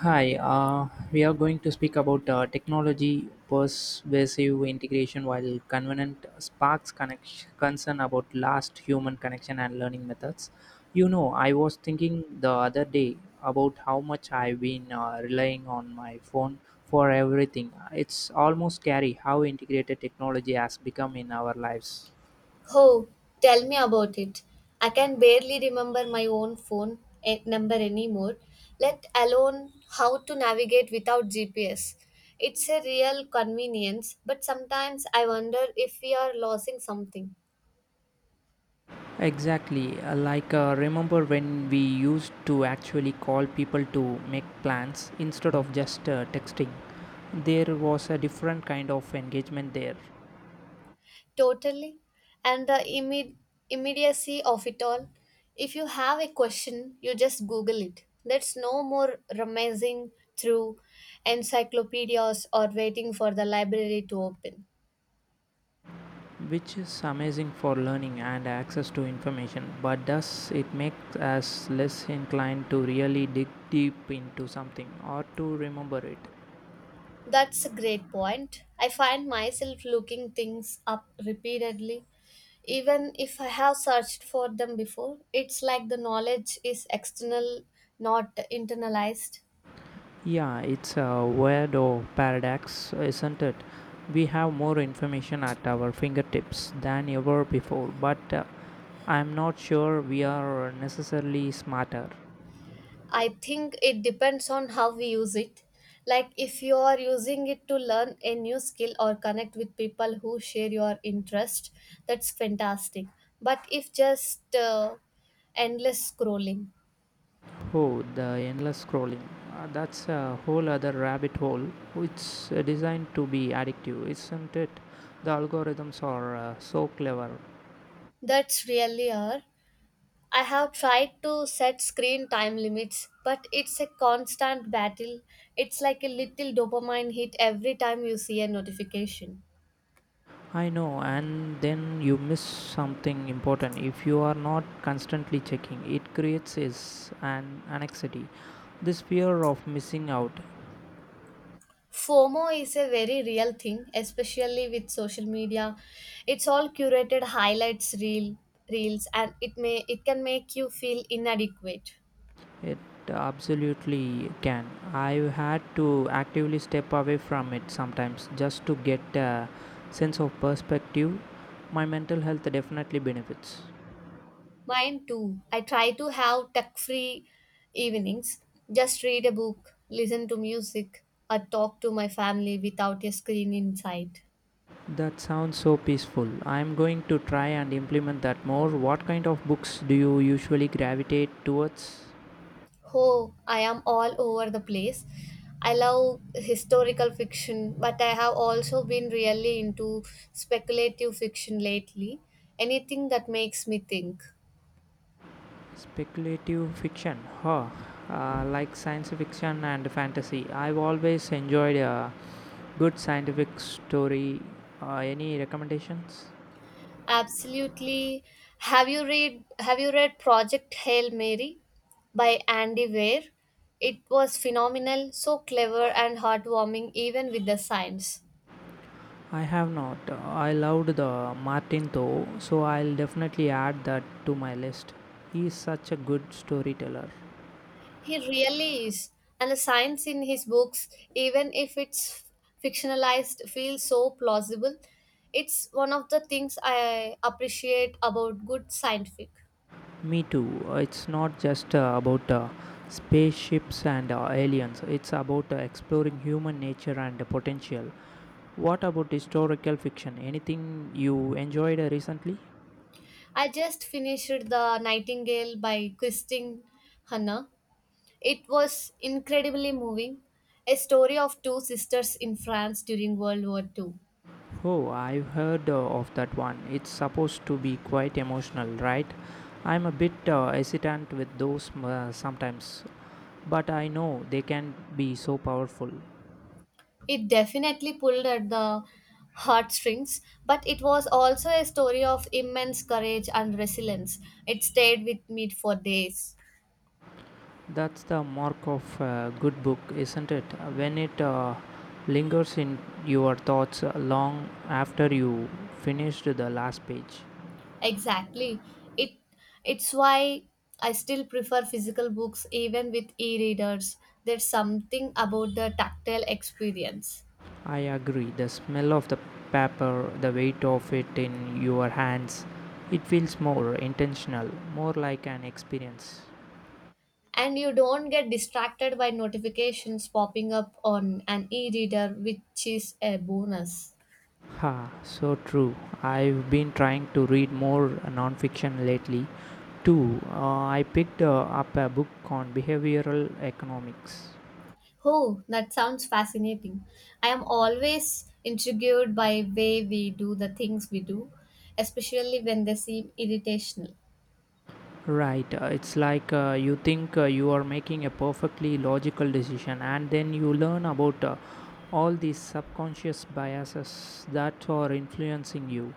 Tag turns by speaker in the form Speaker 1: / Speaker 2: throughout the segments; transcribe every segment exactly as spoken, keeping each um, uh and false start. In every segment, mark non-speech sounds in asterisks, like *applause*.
Speaker 1: Hi, uh, we are going to speak about uh, technology pervasive integration while convenient sparks connection, concern about last human connection and learning methods. You know, I was thinking the other day about how much I've been uh, relying on my phone for everything. It's almost scary how integrated technology has become in our lives.
Speaker 2: Oh, tell me about it. I can barely remember my own phone eh, number anymore, let alone how to navigate without G P S. It's a real convenience, but sometimes I wonder if we are losing something.
Speaker 1: Exactly, uh, like uh, remember when we used to actually call people to make plans instead of just uh, texting? There was a different kind of engagement there,
Speaker 2: Totally. And the imme- immediacy of it all. If you have a question, you just Google it. That's no more rummaging through encyclopedias or waiting for the library to open.
Speaker 1: which is amazing for learning and access to information, but does it make us less inclined to really dig deep into something or to remember it?
Speaker 2: That's a great point. I find myself looking things up repeatedly. Even if I have searched for them before, it's like the knowledge is external, not internalized.
Speaker 1: Yeah, it's a weirdo paradox, isn't it? We have more information at our fingertips than ever before, but uh, I'm not sure we are necessarily smarter.
Speaker 2: I think it depends on how we use it. Like if you are using it to learn a new skill or connect with people who share your interest, that's fantastic. But if just uh, endless scrolling,
Speaker 1: Oh, the endless scrolling. Uh, that's a whole other rabbit hole. It's uh, designed to be addictive, isn't it? The algorithms are uh, so clever.
Speaker 2: that's really hard. I have tried to set screen time limits, but it's a constant battle. It's like a little dopamine hit every time you see a notification.
Speaker 1: I know, and then you miss something important if you are not constantly checking. It creates is an anxiety. This fear of missing out,
Speaker 2: FOMO is a very real thing, especially with social media. It's all curated highlights reel reels and it may it can make you feel inadequate.
Speaker 1: it absolutely can. I've had to actively step away from it sometimes just to get a sense of perspective. My mental health definitely benefits.
Speaker 2: Mine too. I try to have tech free evenings. Just read a book, listen to music, or talk to my family without a screen in sight.
Speaker 1: That sounds so peaceful. I'm going to try and implement that more. What kind of books do you usually gravitate towards?
Speaker 2: Oh, I am all over the place. I love historical fiction, but I have also been really into speculative fiction lately. Anything that makes me think.
Speaker 1: Speculative fiction, huh? Uh, like science fiction and fantasy. I've always enjoyed a good scientific story. Uh, any recommendations?
Speaker 2: Absolutely. Have you read Have you read Project Hail Mary by Andy Weir? It was phenomenal, so clever and heartwarming even with the science.
Speaker 1: I have not. I loved the Martin though, so I'll definitely add that to my list. He is such a good storyteller.
Speaker 2: He really is. And the science in his books, even if it's fictionalized, feels so plausible. It's one of the things I appreciate about good scientific.
Speaker 1: Me too. It's not just uh, about uh, spaceships and uh, aliens, it's about uh, exploring human nature and potential. What about historical fiction? Anything you enjoyed uh, recently?
Speaker 2: I just finished The Nightingale by Christine Hanna. It was incredibly moving. A story of two sisters in France during World War Two.
Speaker 1: Oh, I've heard uh, of that one. It's supposed to be quite emotional, right? I'm a bit uh, hesitant with those uh, sometimes, but I know they can be so powerful.
Speaker 2: It definitely pulled at the heartstrings, but it was also a story of immense courage and resilience. It stayed with me for days.
Speaker 1: That's the mark of a good book, isn't it? When it uh, lingers in your thoughts long after you finished the last page.
Speaker 2: Exactly. It it's why I still prefer physical books even with e-readers. There's something about the tactile experience.
Speaker 1: I agree. The smell of the pepper, the weight of it in your hands, it feels more intentional, more like an experience.
Speaker 2: And you don't get distracted by notifications popping up on an e-reader, which is a bonus.
Speaker 1: Ha, so true. I've been trying to read more nonfiction lately too. Uh, I picked uh, up a book on behavioral economics.
Speaker 2: Oh, that sounds fascinating. I am always intrigued by way we do the things we do, especially when they seem irritational.
Speaker 1: Right, uh, it's like uh, you think uh, you are making a perfectly logical decision, and then you learn about uh, all these subconscious biases that are influencing you.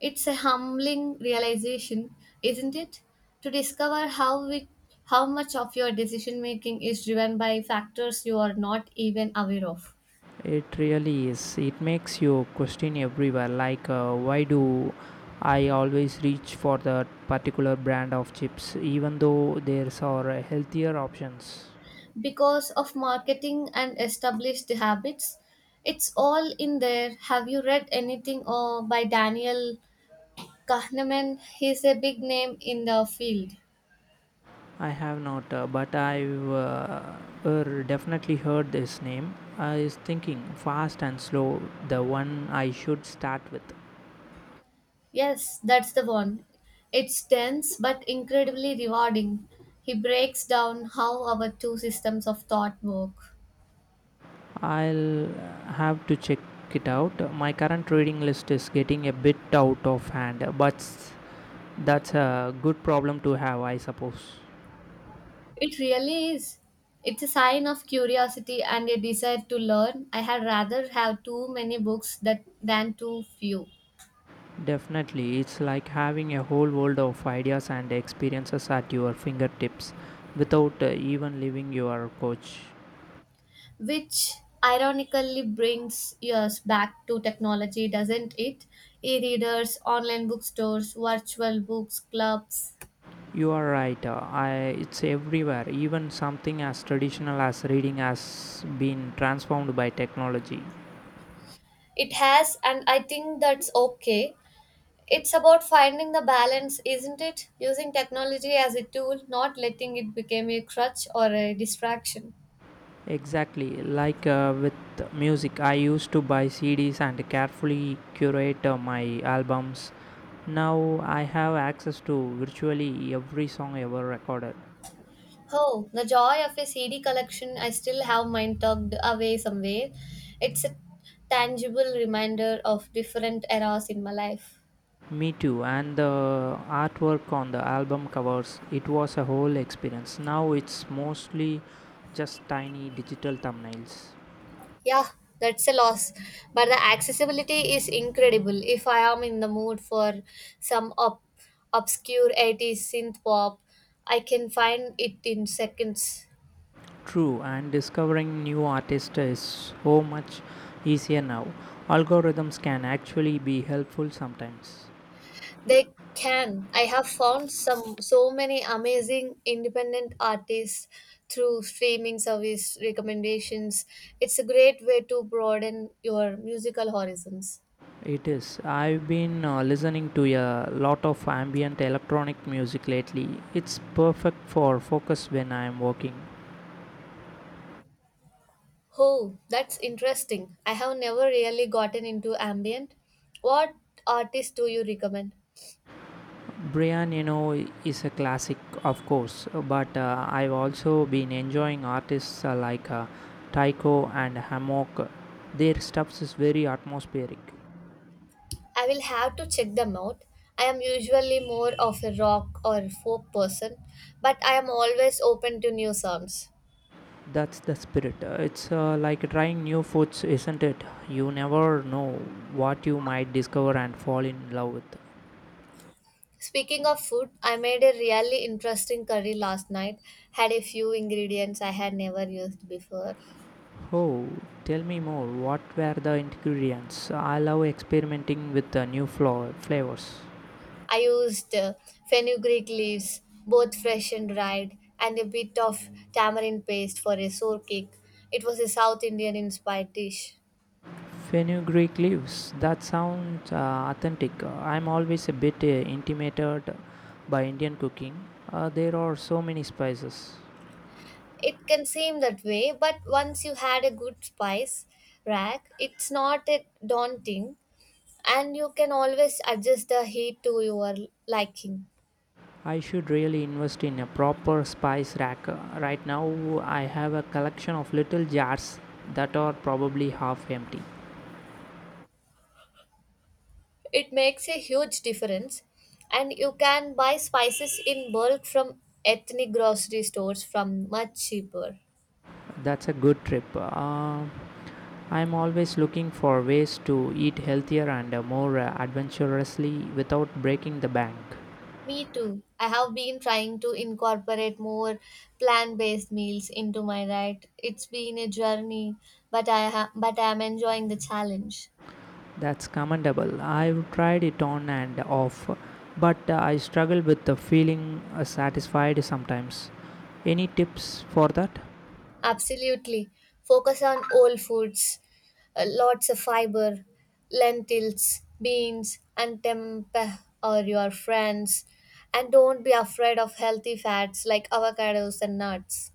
Speaker 2: It's a humbling realization, isn't it? To discover how we, how much of your decision making is driven by factors you are not even aware of.
Speaker 1: It really is. It makes you question everywhere. Like, uh, why do I always reach for that particular brand of chips, even though there's are uh, healthier options?
Speaker 2: Because of marketing and established habits, it's all in there. Have you read anything or by Daniel Kahneman, he's a big name in the field.
Speaker 1: I have not, uh, but I've uh, er, definitely heard this name. I was thinking fast and slow, the one I should start with.
Speaker 2: Yes, that's the one. It's dense but incredibly rewarding. He breaks down how our two systems of thought work.
Speaker 1: I'll have to check it out. My current reading list is getting a bit out of hand, but that's a good problem to have, I suppose.
Speaker 2: It really is. It's a sign of curiosity and a desire to learn. I had rather have too many books that, than too few,
Speaker 1: Definitely, it's like having a whole world of ideas and experiences at your fingertips without uh, even leaving your coach.
Speaker 2: which ironically brings us back to technology, doesn't it? E readers, online bookstores, virtual books, clubs.
Speaker 1: You are right, uh, I, it's everywhere. Even something as traditional as reading has been transformed by technology.
Speaker 2: It has, and I think that's okay. It's about finding the balance, isn't it? Using technology as a tool, not letting it become a crutch or a distraction.
Speaker 1: Exactly, like uh, with music, I used to buy C Ds and carefully curate uh, my albums. Now I have access to virtually every song ever recorded.
Speaker 2: Oh, the joy of a C D collection, I still have mine tucked away somewhere. It's a tangible reminder of different eras in my life.
Speaker 1: Me too, and the artwork on the album covers, it was a whole experience. Now it's mostly just tiny digital thumbnails.
Speaker 2: Yeah, that's a loss. But the accessibility is incredible. If I am in the mood for some ob- obscure eighties synth pop, I can find it in seconds.
Speaker 1: True, and discovering new artists is so much easier now. Algorithms can actually be helpful sometimes.
Speaker 2: They can. I have found some so many amazing independent artists through streaming service recommendations. It's a great way to broaden your musical horizons.
Speaker 1: It is. I've been uh, listening to a lot of ambient electronic music lately. It's perfect for focus when I'm working.
Speaker 2: Oh, that's interesting. I have never really gotten into ambient. What artists do you recommend?
Speaker 1: Brian, you know, is a classic, of course, but uh, I've also been enjoying artists uh, like uh, Tycho and Hammock. Their stuff is very atmospheric.
Speaker 2: I will have to check them out. I am usually more of a rock or folk person, but I am always open to new sounds.
Speaker 1: That's the spirit. Uh, It's uh, like trying new foods, isn't it? You never know what you might discover and fall in love with.
Speaker 2: Speaking of food, I made a really interesting curry last night. Had a few ingredients I had never used before.
Speaker 1: Oh, tell me more. What were the ingredients? I love experimenting with the new flour flavors.
Speaker 2: I used uh, fenugreek leaves, both fresh and dried, and a bit of tamarind paste for a sour kick. It was a South Indian inspired dish.
Speaker 1: Fenugreek leaves. That sounds uh, authentic. I'm always a bit uh, intimidated by Indian cooking. Uh, there are so many spices.
Speaker 2: It can seem that way, but once you had a good spice rack, it's not a daunting, and you can always adjust the heat to your liking.
Speaker 1: I should really invest in a proper spice rack. Uh, Right now, I have a collection of little jars that are probably half empty.
Speaker 2: It makes a huge difference, and you can buy spices in bulk from ethnic grocery stores from much cheaper.
Speaker 1: That's a good trip. Uh, I'm always looking for ways to eat healthier and uh, more uh, adventurously without breaking the bank.
Speaker 2: Me too. I have been trying to incorporate more plant based meals into my diet. It's been a journey, but I ha- but I am enjoying the challenge.
Speaker 1: That's commendable. I've tried it on and off, but uh, I struggle with the feeling uh, satisfied sometimes. Any tips for that?
Speaker 2: Absolutely. Focus on whole foods, uh, lots of fiber, lentils, beans, and tempeh or your friends. And don't be afraid of healthy fats like avocados and nuts.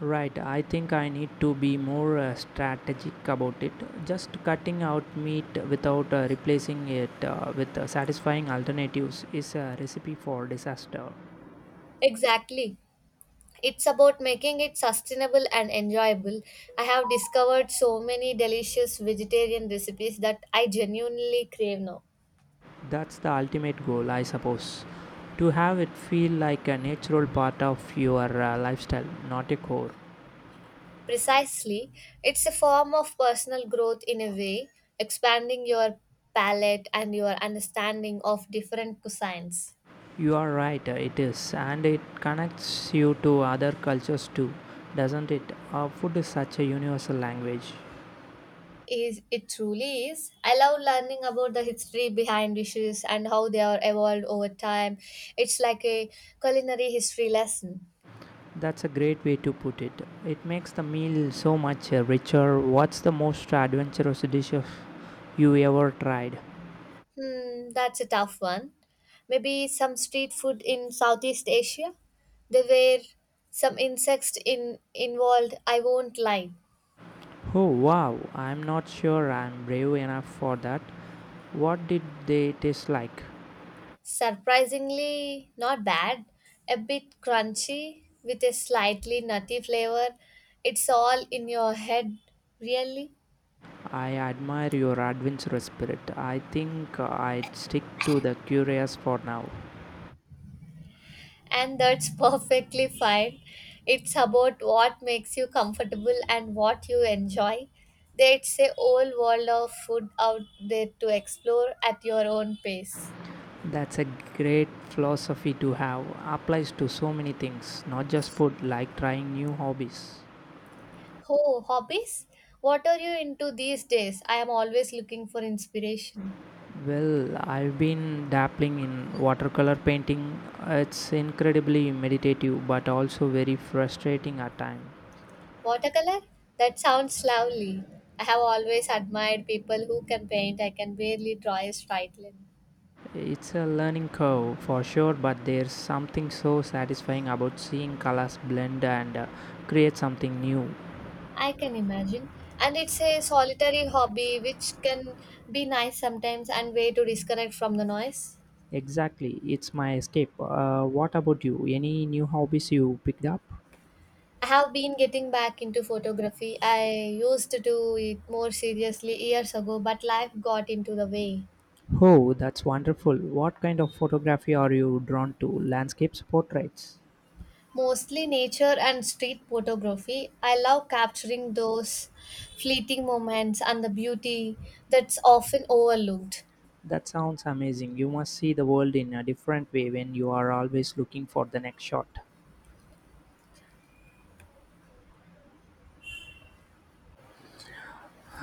Speaker 1: Right, I think I need to be more uh, strategic about it. Just cutting out meat without uh, replacing it uh, with uh, satisfying alternatives is a recipe for disaster.
Speaker 2: Exactly. It's about making it sustainable and enjoyable. I have discovered so many delicious vegetarian recipes that I genuinely crave now.
Speaker 1: That's the ultimate goal, I suppose. To have it feel like a natural part of your uh, lifestyle, not a core.
Speaker 2: Precisely, it's a form of personal growth in a way, expanding your palate and your understanding of different cuisines.
Speaker 1: You are right, uh, it is. And it connects you to other cultures too, doesn't it? Uh, food is such a universal language.
Speaker 2: Is it truly is? I love learning about the history behind dishes and how they are evolved over time. It's like a culinary history lesson.
Speaker 1: That's a great way to put it. It makes the meal so much uh, richer. What's the most adventurous dish of you ever tried?
Speaker 2: Hmm, that's a tough one. Maybe some street food in Southeast Asia. There were some insects in involved, I won't lie.
Speaker 1: Oh wow, I'm not sure I'm brave enough for that. What did they taste like?
Speaker 2: Surprisingly not bad, a bit crunchy with a slightly nutty flavor. It's all in your head, really.
Speaker 1: I admire your adventurous spirit. I think I'd stick to the curious for now.
Speaker 2: And that's *laughs* perfectly fine. It's about what makes you comfortable and what you enjoy. There's a whole world of food out there to explore at your own pace.
Speaker 1: That's a great philosophy to have. Applies to so many things, not just food, like trying new hobbies.
Speaker 2: Oh, hobbies? What are you into these days? I am always looking for inspiration.
Speaker 1: Well, I've been dabbling in watercolor painting. It's incredibly meditative but also very frustrating at times.
Speaker 2: Watercolor? That sounds lovely. I have always admired people who can paint. I can barely draw a straight line.
Speaker 1: It's a learning curve for sure, but there's something so satisfying about seeing colors blend and uh, create something new.
Speaker 2: I can imagine. And it's a solitary hobby which can be nice sometimes and way to disconnect from the noise.
Speaker 1: Exactly, it's my escape. Uh, what about you? Any new hobbies you picked up?
Speaker 2: I have been getting back into photography. I used to do it more seriously years ago, but life got into the way.
Speaker 1: Oh, that's wonderful. What kind of photography are you drawn to? Landscapes, portraits?
Speaker 2: Mostly nature and street photography. I love capturing those fleeting moments and the beauty that's often overlooked.
Speaker 1: That sounds amazing. You must see the world in a different way when you are always looking for the next shot.